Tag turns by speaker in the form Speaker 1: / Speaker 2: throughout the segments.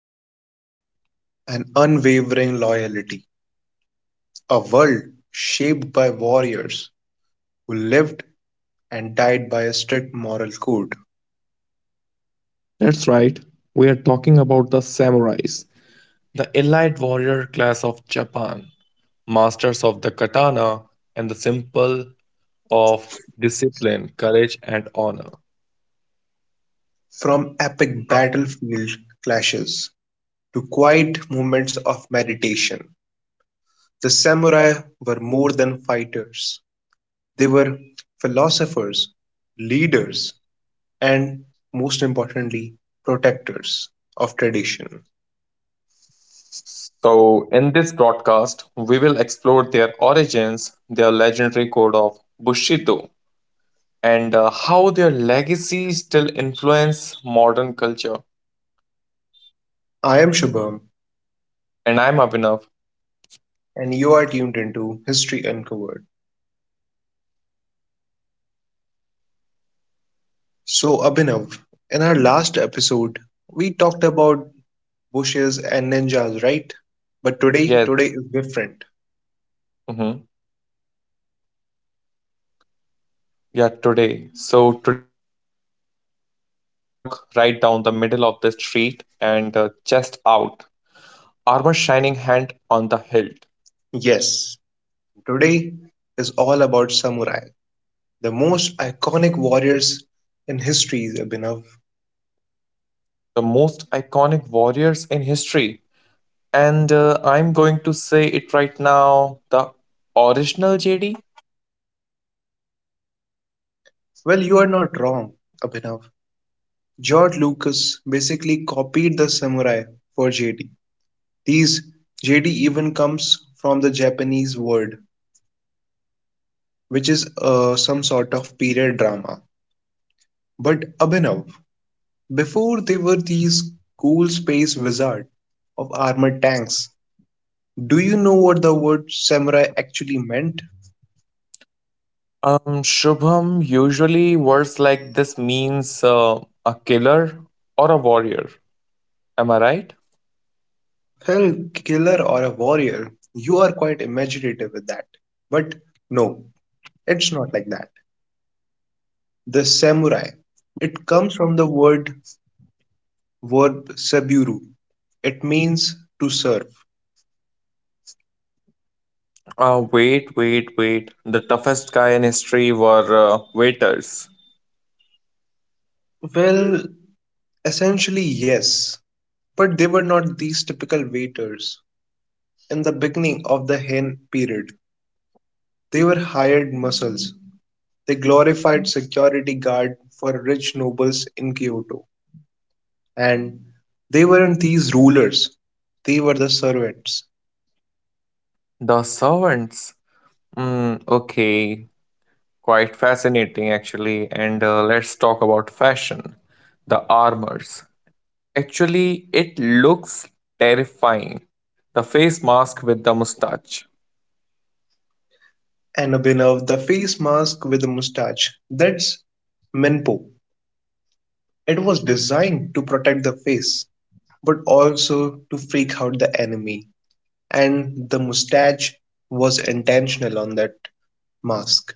Speaker 1: steel, and unwavering loyalty. A world shaped by warriors who lived and died by a strict moral code.
Speaker 2: That's right, we are talking about the samurais, the elite warrior class of Japan, masters of the katana and the symbol of discipline, courage, and honor.
Speaker 1: From epic battlefield clashes to quiet moments of meditation, the samurai were more than fighters. They were philosophers, leaders, and, most importantly, protectors of tradition.
Speaker 2: So, in this broadcast, we will explore their origins, their legendary code of Bushido, and how their legacy still influence modern culture.
Speaker 1: I am Shubham,
Speaker 2: And I'm Abhinav.
Speaker 1: and you are tuned into History Uncovered. So, Abhinav, in our last episode, we talked about bushes and ninjas, right? But today,
Speaker 2: Yes.
Speaker 1: today is different.
Speaker 2: Mhm. Yeah, today we walk right down the middle of the street and chest out, armor shining hand on the hilt.
Speaker 1: Yes, today is all about samurai, the most iconic warriors in history, Abhinav.
Speaker 2: The most iconic warriors in history. And I'm going to say it right now the original JD.
Speaker 1: Well, you are not wrong, Abhinav. George Lucas basically copied the samurai for JD. These JD even comes from the Japanese word, which is some sort of period drama. But Abhinav, before they were these cool space wizards of armored tanks, do you know what the word samurai actually meant?
Speaker 2: Shubham, usually words like this means a killer or a warrior. Am I right?
Speaker 1: Hell, killer or a warrior, you are quite imaginative with that. But no, it's not like that. The samurai, it comes from the word verb saburu. It means to serve.
Speaker 2: Wait. The toughest guy in history were waiters.
Speaker 1: Well, essentially, yes. But they were not these typical waiters. In the beginning of the hen period, they were hired muscles. They glorified security guard for rich nobles in Kyoto. And they weren't these rulers, they were the servants.
Speaker 2: The servants. Mm, okay, quite fascinating actually. And Let's talk about fashion. The armors. Actually, it looks terrifying. The face mask with the mustache.
Speaker 1: And Abhinav, the face mask with a mustache, that's Menpo. It was designed to protect the face, but also to freak out the enemy. And the mustache was intentional on that mask.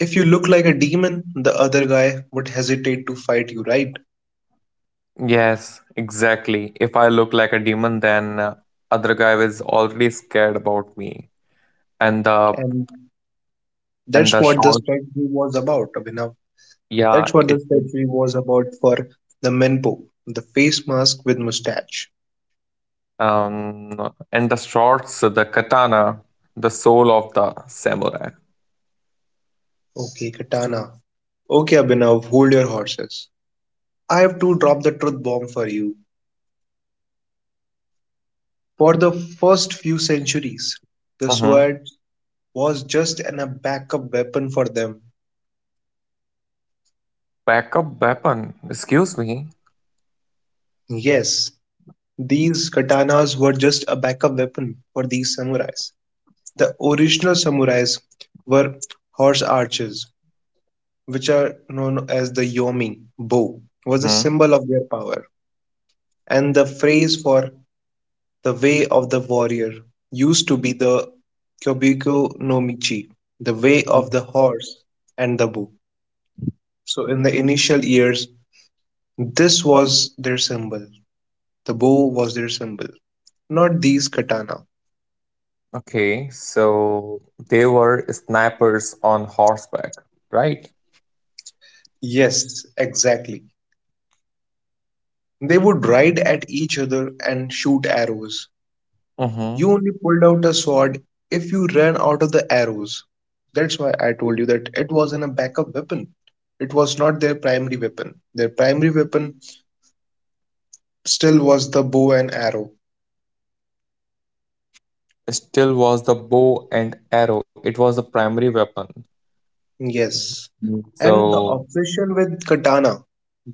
Speaker 1: If you look like a demon, the other guy would hesitate to fight you, right?
Speaker 2: Yes, exactly. If I look like a demon, then other guy is already scared about me. And the
Speaker 1: And
Speaker 2: and
Speaker 1: that's
Speaker 2: the
Speaker 1: what the
Speaker 2: short,
Speaker 1: statue was about, Abhinav.
Speaker 2: yeah,
Speaker 1: That's what the statue was about for the Menpo, the face mask with mustache.
Speaker 2: and the shorts, the katana, the soul of the samurai.
Speaker 1: Okay, katana. Okay, Abhinav, hold your horses. I have to drop the truth bomb for you. For the first few centuries, the
Speaker 2: Mm-hmm.
Speaker 1: sword was just a backup weapon for them.
Speaker 2: Backup weapon. Excuse me.
Speaker 1: Yes, these katanas were just a backup weapon for these samurais. The original samurais were horse archers, which are known as the yomi. Bow was a
Speaker 2: Hmm.
Speaker 1: symbol of their power, and the phrase for the way of the warrior used to be the kyobiko no michi, the way
Speaker 2: Mm.
Speaker 1: of the horse and the bow. So in the initial years, this was their symbol. The bow was their symbol, not these katana.
Speaker 2: Okay, so they were snipers on horseback, right?
Speaker 1: Yes, exactly. They would ride at each other and shoot arrows.
Speaker 2: Mm-hmm.
Speaker 1: You only pulled out a sword if you ran out of the arrows. That's why I told you that it wasn't a backup weapon. It was not their primary weapon. Their primary weapon still was the bow and arrow.
Speaker 2: Still was the bow and arrow. It was the primary weapon.
Speaker 1: Yes.
Speaker 2: Mm.
Speaker 1: And the
Speaker 2: So,
Speaker 1: obsession with katana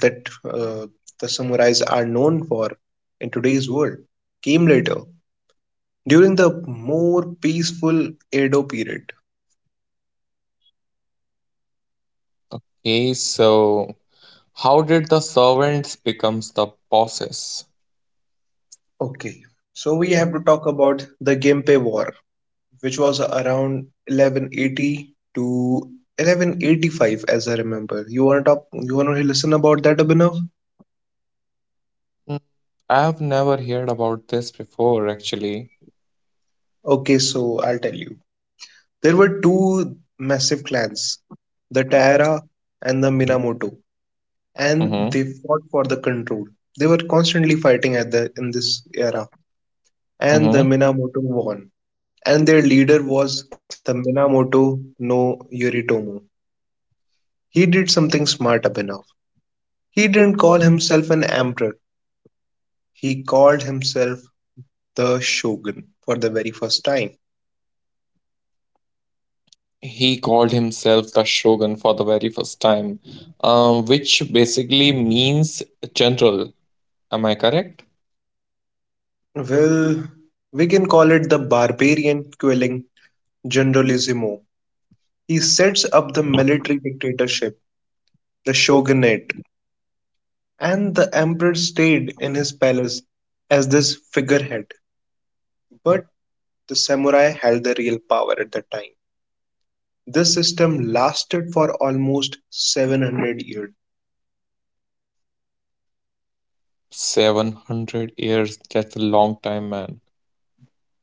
Speaker 1: that the samurais are known for in today's world came later during the more peaceful Edo period.
Speaker 2: okay, so how did the servants becomes the bosses?
Speaker 1: Okay, so we have to talk about the Genpei War, which was around 1180 to 1185, as I remember. You want to talk? You want to listen about that, Abhinav?
Speaker 2: Mm, I've never heard about this before, actually.
Speaker 1: Okay, so I'll tell you. There were two massive clans, the Taira and the Minamoto, and they
Speaker 2: Mm-hmm.
Speaker 1: fought for the control. They were constantly fighting at the in this era, and the
Speaker 2: Mm-hmm.
Speaker 1: Minamoto won. And their leader was the Minamoto no Yoritomo. He did something smart up enough. He didn't call himself an emperor, he called himself the shogun for the very first time.
Speaker 2: He called himself the shogun for the very first time, which basically means general. Am I correct?
Speaker 1: Well, we can call it the barbarian quelling generalissimo. He sets up the military dictatorship, the shogunate, and the emperor stayed in his palace as this figurehead. But the samurai held the real power at the time. This system lasted for almost 700 years.
Speaker 2: 700 years. That's a long time, man.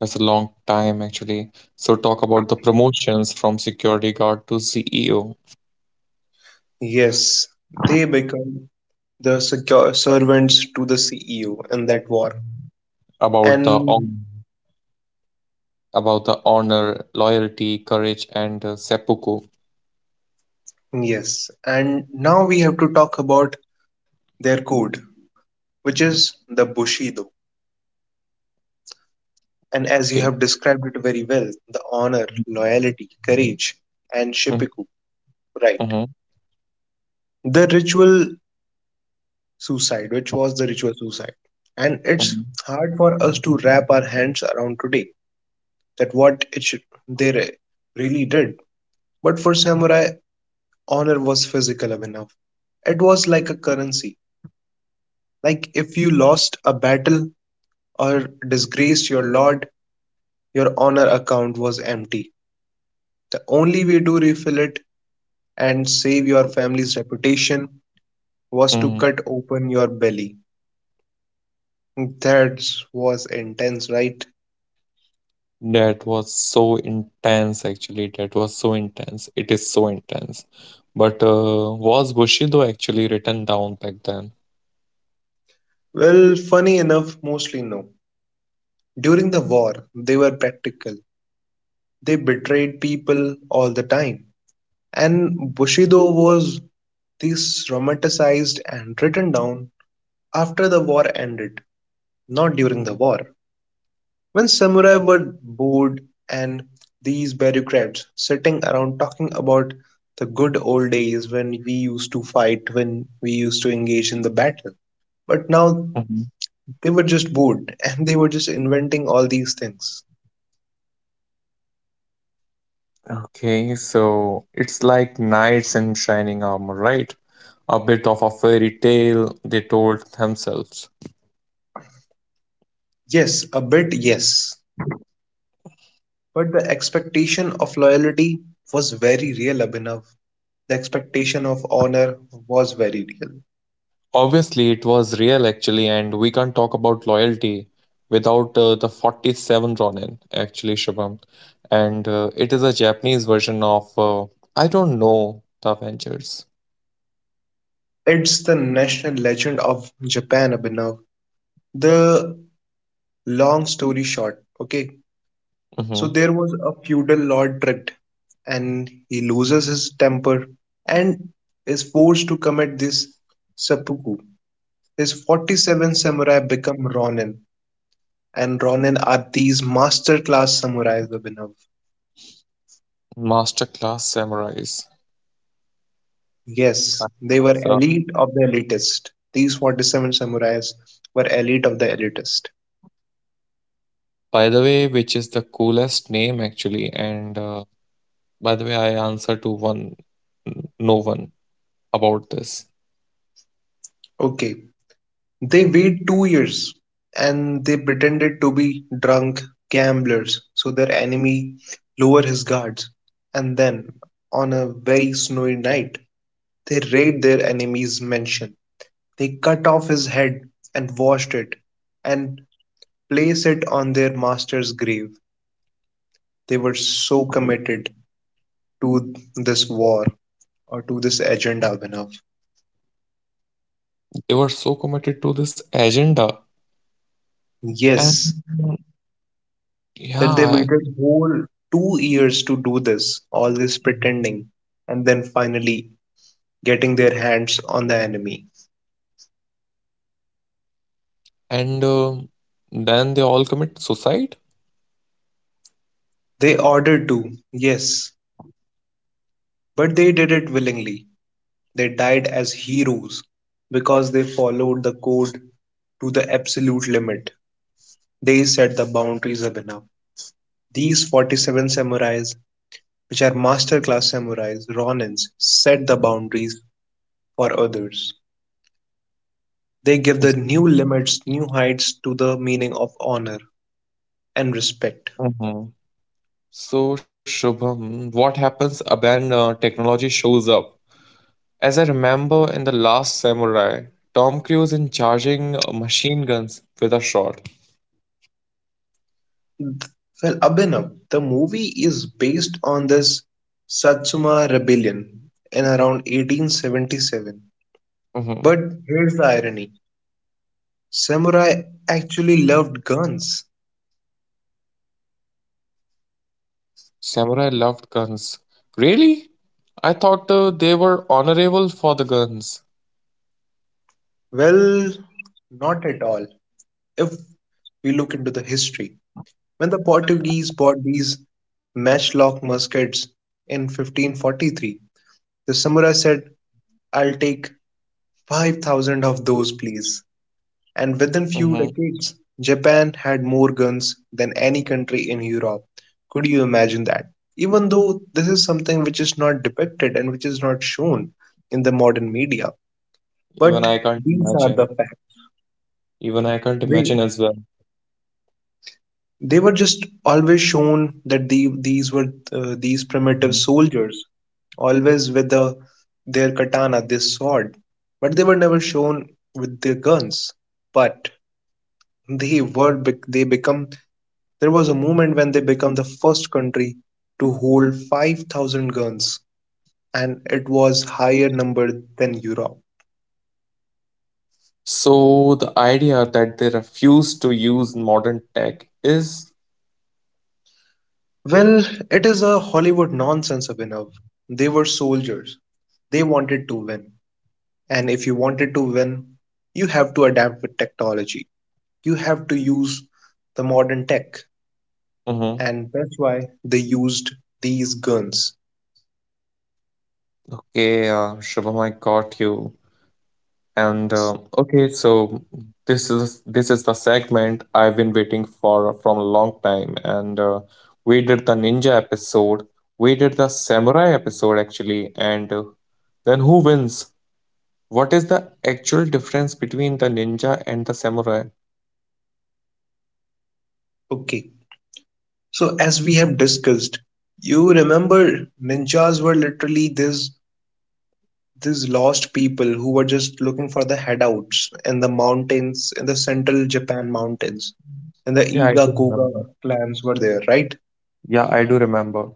Speaker 2: That's a long time, actually. So talk about the promotions from security guard to CEO,
Speaker 1: Yes, they become the secure servants to the CEO in that war.
Speaker 2: about the
Speaker 1: And
Speaker 2: hon- about the honor, loyalty, courage, and seppuku.
Speaker 1: yes, and now we have to talk about their code, which is the Bushido. And as you
Speaker 2: Okay.
Speaker 1: have described it very well, the honor, loyalty, courage, and Shippiku, right?
Speaker 2: Mhm,
Speaker 1: The ritual suicide, which was the ritual suicide. And it's
Speaker 2: mhm,
Speaker 1: hard for us to wrap our hands around today that what it should, they really did. But for samurai, honor was physical enough. It was like a currency. Like if you lost a battle or disgraced your lord, your honor account was empty. The only way to refill it and save your family's reputation was to
Speaker 2: mhm.
Speaker 1: cut open your belly. That was intense, right?
Speaker 2: That was so intense, actually. That was so intense. It is so intense. But was Bushido actually written down back then?
Speaker 1: Well, funny enough, mostly no. During the war, they were practical. They betrayed people all the time. And Bushido was these romanticized and written down after the war ended, not during the war. When samurai were bored and these bureaucrats sitting around talking about the good old days when we used to fight, when we used to engage in the battle. But now
Speaker 2: Mhm.
Speaker 1: they were just bored and they were just inventing all these things.
Speaker 2: Okay, so it's like knights in shining armor, right? A bit of a fairy tale they told themselves.
Speaker 1: Yes, a bit yes. But the expectation of loyalty was very real, Abhinav. The expectation of honor was very real.
Speaker 2: Obviously, it was real actually, and we can't talk about loyalty without the 47 Ronin, actually, Shubham. And it is a Japanese version of, I don't know, The Avengers.
Speaker 1: It's the national legend of Japan, Abhinav. The long story short, okay? So
Speaker 2: Mm-hmm.
Speaker 1: there was a feudal lord tricked and he loses his temper and is forced to commit this seppuku. His 47 samurai become ronin and ronin are these master class samurais, Abhinav.
Speaker 2: Masterclass Samurais.
Speaker 1: Yes, they were
Speaker 2: So,
Speaker 1: elite of the elitist. These 47 samurais were elite of the elitist.
Speaker 2: by the way, which is the coolest name actually. And by the way, I answer to no one about this.
Speaker 1: Okay, they wait 2 years and they pretended to be drunk gamblers so their enemy lower his guards and then on a very snowy night they raid their enemy's mansion. They cut off his head and washed it and place it on their master's grave. They were so committed to this war or to this agenda, Abhinav.
Speaker 2: They were so committed to this agenda. And
Speaker 1: Yes, that they
Speaker 2: yeah.
Speaker 1: waited whole 2 years to do this, all this pretending, and then finally getting their hands on the enemy.
Speaker 2: And Then they all commit suicide.
Speaker 1: They ordered to, yes, but they did it willingly. They died as heroes because they followed the code to the absolute limit. They set the boundaries up enough. These 47 samurais, which are masterclass samurais, Ronins, set the boundaries for others. They give the
Speaker 2: Yes.
Speaker 1: new limits, new heights to the meaning of honor and respect.
Speaker 2: Mhm. So, Shubham, what happens when technology shows up? As I remember in the last Samurai, Tom Cruise in charging machine guns with a shot.
Speaker 1: Well, Abhinav, the movie is based on this Satsuma rebellion in around 1877.
Speaker 2: Hmm.
Speaker 1: But here's the irony, samurai actually loved guns.
Speaker 2: Samurai loved guns. Really? I thought they were honorable for the guns.
Speaker 1: Well, not at all. If we look into the history, when the Portuguese bought these matchlock muskets in 1543, the samurai said, I'll take 5,000 of those, please. And
Speaker 2: Hmm.
Speaker 1: within few decades, Japan had more guns than any country in Europe. Could you imagine that? Even though this is something which is not depicted and which is not shown in the modern media,
Speaker 2: Even I
Speaker 1: but
Speaker 2: can't
Speaker 1: these are
Speaker 2: imagine.
Speaker 1: the facts.
Speaker 2: Even I can't imagine
Speaker 1: They
Speaker 2: as
Speaker 1: they were just always shown that these were these primitive
Speaker 2: well.
Speaker 1: soldiers, always with their katana, this sword, but they were never shown with their guns. But they were bec- they become there was a moment when they became the first country to hold 5,000 guns, and it was higher number than Europe.
Speaker 2: So the idea that they refuse to use modern tech is.
Speaker 1: Well, it is a Hollywood nonsense, Abhinav. They were soldiers. They wanted to win. And if you wanted to win, you have to adapt with technology. You have to use the modern tech.
Speaker 2: Mhm.
Speaker 1: And that's why they used these guns.
Speaker 2: Okay. Shubham, I got you. And okay, so this is the segment I've been waiting for from a long time. And we did the ninja episode, we did the samurai episode actually, and then who wins? What is the actual difference between the ninja and the samurai?
Speaker 1: Okay. So, as we have discussed, you remember ninjas were literally these lost people who were just looking for the headouts in the mountains, in the central Japan mountains, and the
Speaker 2: Yeah, I
Speaker 1: Iga
Speaker 2: do
Speaker 1: Koga
Speaker 2: remember.
Speaker 1: clans were there, right?
Speaker 2: Yeah, I do remember.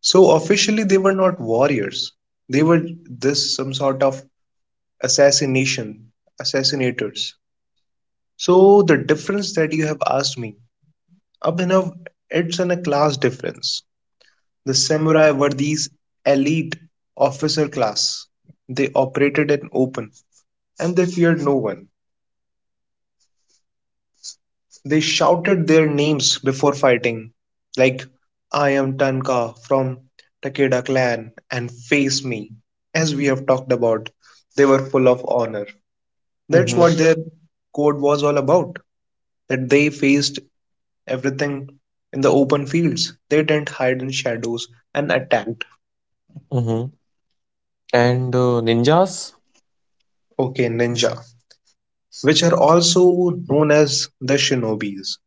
Speaker 1: So officially they were not warriors. They were this some sort of assassination, assassinators. So the difference that you have asked me, Abhinav, it's in a class difference. The samurai were these elite officer class. They operated in open and they feared no one. They shouted their names before fighting, like I am Tanka from Takeda clan and face me. As we have talked about, they were full of honor. That's what
Speaker 2: Mm-hmm.
Speaker 1: their code was all about. That they faced everything in the open fields. They didn't hide in shadows and attacked.
Speaker 2: And ninjas?
Speaker 1: Okay, ninja, which are also known as the shinobis,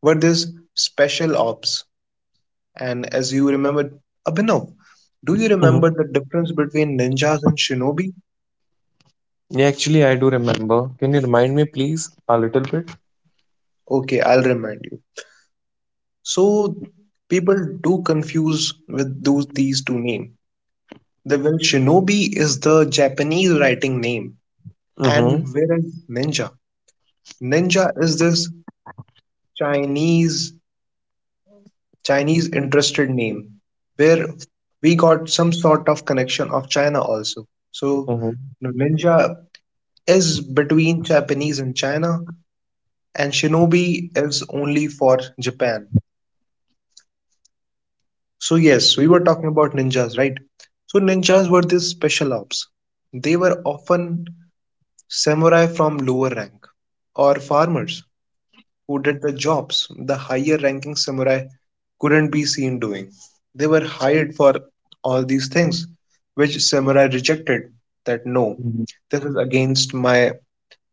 Speaker 1: were these special ops. And as you remember, Abhinav, do you remember
Speaker 2: Hmm.
Speaker 1: the difference between ninjas and shinobi?
Speaker 2: Yeah, actually, I do remember. Can you remind me, please, a little bit?
Speaker 1: Okay, I'll remind you. So people do confuse with those these two names. The well, shinobi is the Japanese writing name, and
Speaker 2: Mm-hmm.
Speaker 1: whereas ninja, is this Chinese Chinese interested name, where we got some sort of connection of China also. So
Speaker 2: Mm-hmm.
Speaker 1: the ninja is between Japanese and China, and shinobi is only for Japan. So yes, we were talking about ninjas, right? So ninjas were these special ops. They were often samurai from lower rank or farmers who did the jobs the higher ranking samurai couldn't be seen doing. They were hired for all these things which samurai rejected that no, this is against my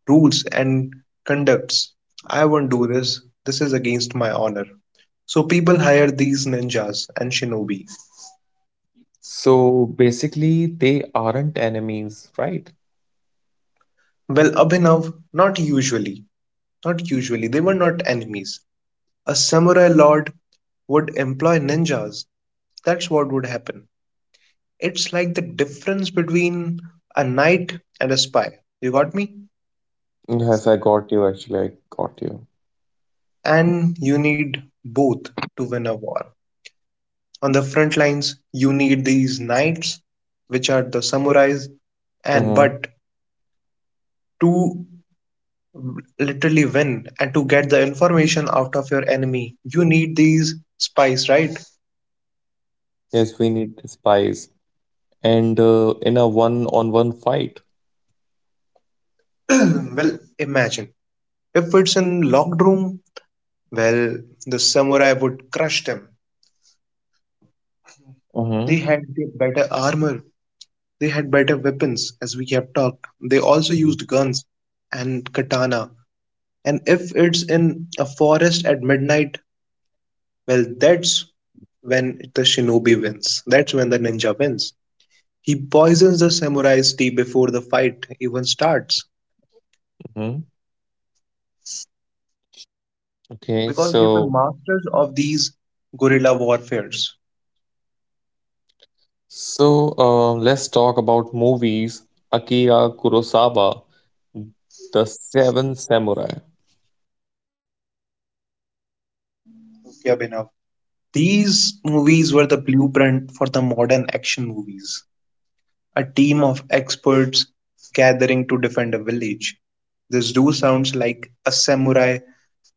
Speaker 1: rules and conducts. I won't do this. This is against my honor. So people hire these ninjas and shinobi.
Speaker 2: So basically, they aren't enemies, right?
Speaker 1: Well, Abhinav, not usually. Not usually. They were not enemies. A samurai lord would employ ninjas. That's what would happen. It's like the difference between a knight and a spy. You got me?
Speaker 2: Yes, I got you. Actually, I got you.
Speaker 1: And you need both to win a war. On the front lines, you need these knights, which are the samurais, and
Speaker 2: Mm-hmm.
Speaker 1: but to literally win and to get the information out of your enemy, you need these spies, right?
Speaker 2: Yes, we need the spies. And in a one-on-one fight.
Speaker 1: Well, imagine if it's in locked room, well, the samurai would crush them. They
Speaker 2: Mm-hmm.
Speaker 1: had the better armor, they had better weapons, as we have talked. They also used guns and katana. And if it's in a forest at midnight, well, that's when the shinobi wins. That's when the ninja wins. He poisons the samurai's tea before the fight even starts
Speaker 2: Mm-hmm. Okay,
Speaker 1: because they were
Speaker 2: so
Speaker 1: masters of these guerrilla warfares.
Speaker 2: so uh, let's talk about movies. Akira Kurosawa, The Seven Samurai.
Speaker 1: Yeah, Abhinav. These movies were the blueprint for the modern action movies. A team of experts gathering to defend a village. This do sounds like a samurai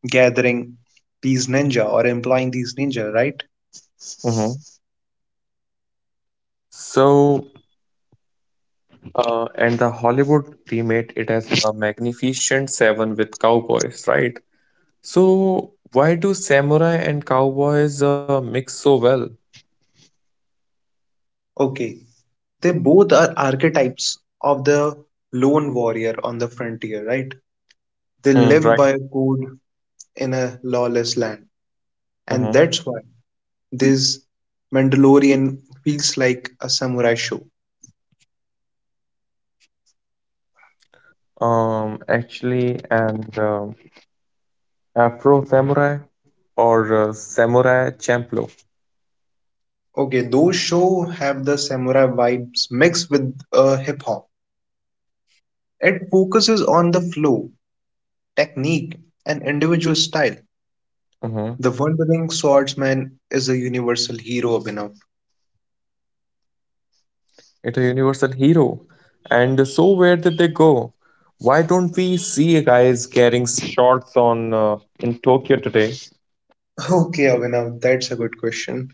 Speaker 1: gathering these ninja or employing these ninja, right?
Speaker 2: Mhm. So, and the Hollywood remade it as a Magnificent Seven with cowboys, right? So, why do samurai and cowboys mix so well?
Speaker 1: Okay, they both are archetypes of the lone warrior on the frontier, right? They
Speaker 2: Mm,
Speaker 1: live
Speaker 2: right.
Speaker 1: by a code in a lawless land, and
Speaker 2: Hmm.
Speaker 1: that's why this Mandalorian feels like a samurai show.
Speaker 2: Actually, and Afro Samurai or Samurai Champloo.
Speaker 1: Okay, those show have the samurai vibes mixed with hip hop. It focuses on the flow, technique, and individual style.
Speaker 2: Mhm.
Speaker 1: The Wandering Swordsman is a universal hero, Abhinav.
Speaker 2: It's a universal hero. And so, where did they go? Why don't we see guys carrying shorts on in Tokyo today?
Speaker 1: Okay, Abhinav, that's a good question.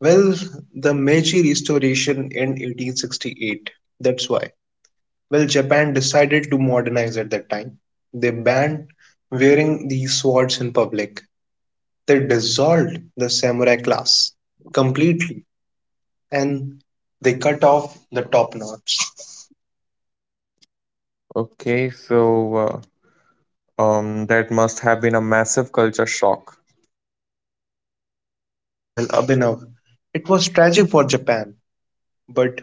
Speaker 1: Well, the Meiji Restoration in 1868. That's why. Well, Japan decided to modernize at that time. They banned wearing these swords in public. They dissolved the samurai class completely and they cut off the top knots.
Speaker 2: Okay, so uh, that must have been a massive culture shock.
Speaker 1: Well, Abhinav, it was tragic for Japan, but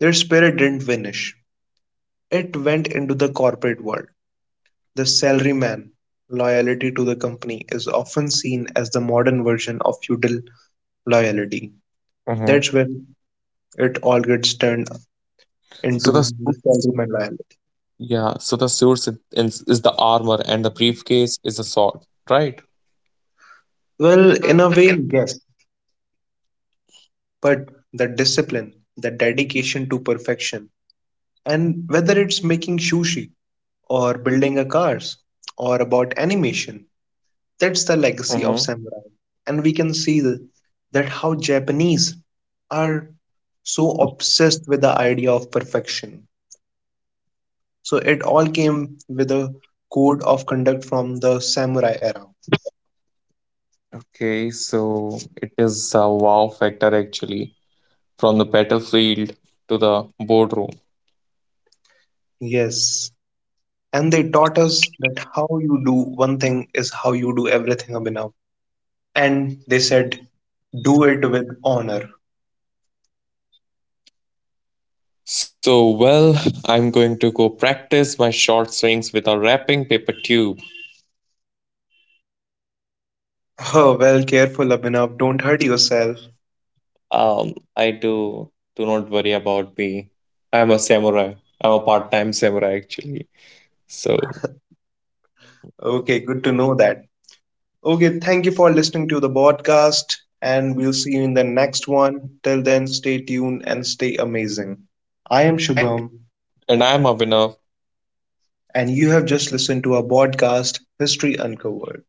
Speaker 1: their spirit didn't vanish. It went into the corporate world. The salaryman loyalty to the company is often seen as the modern version of feudal loyalty.
Speaker 2: Hmm.
Speaker 1: That's when it all gets turned
Speaker 2: So the
Speaker 1: into the
Speaker 2: suit-
Speaker 1: salaryman loyalty.
Speaker 2: yeah, so the suit is the armor and the briefcase is the sword, right?
Speaker 1: Well, in a way, yes, but the discipline, the dedication to perfection, and whether it's making sushi or building a cars or about animation, that's the
Speaker 2: Mm-hmm.
Speaker 1: legacy of samurai. And we can see that how Japanese are so obsessed with the idea of perfection. So it all came with a code of conduct from the samurai era.
Speaker 2: Okay, so it is a wow factor actually, from the battlefield to the boardroom.
Speaker 1: Yes. And they taught us that how you do one thing is how you do everything, Abhinav. And they said, do it with honor.
Speaker 2: So well, I'm going to go practice my short swings with a wrapping paper tube.
Speaker 1: Oh, well, careful, Abhinav. Don't hurt yourself.
Speaker 2: I do not worry about me. I'm a samurai. I'm a part-time samurai actually. So.
Speaker 1: Okay, good to know that. Okay, thank you for listening to the podcast, and we'll see you in the next one. Till then, stay tuned and stay amazing. I am Shubham,
Speaker 2: And I'm Abhinav.
Speaker 1: and you have just listened to our podcast, History Uncovered.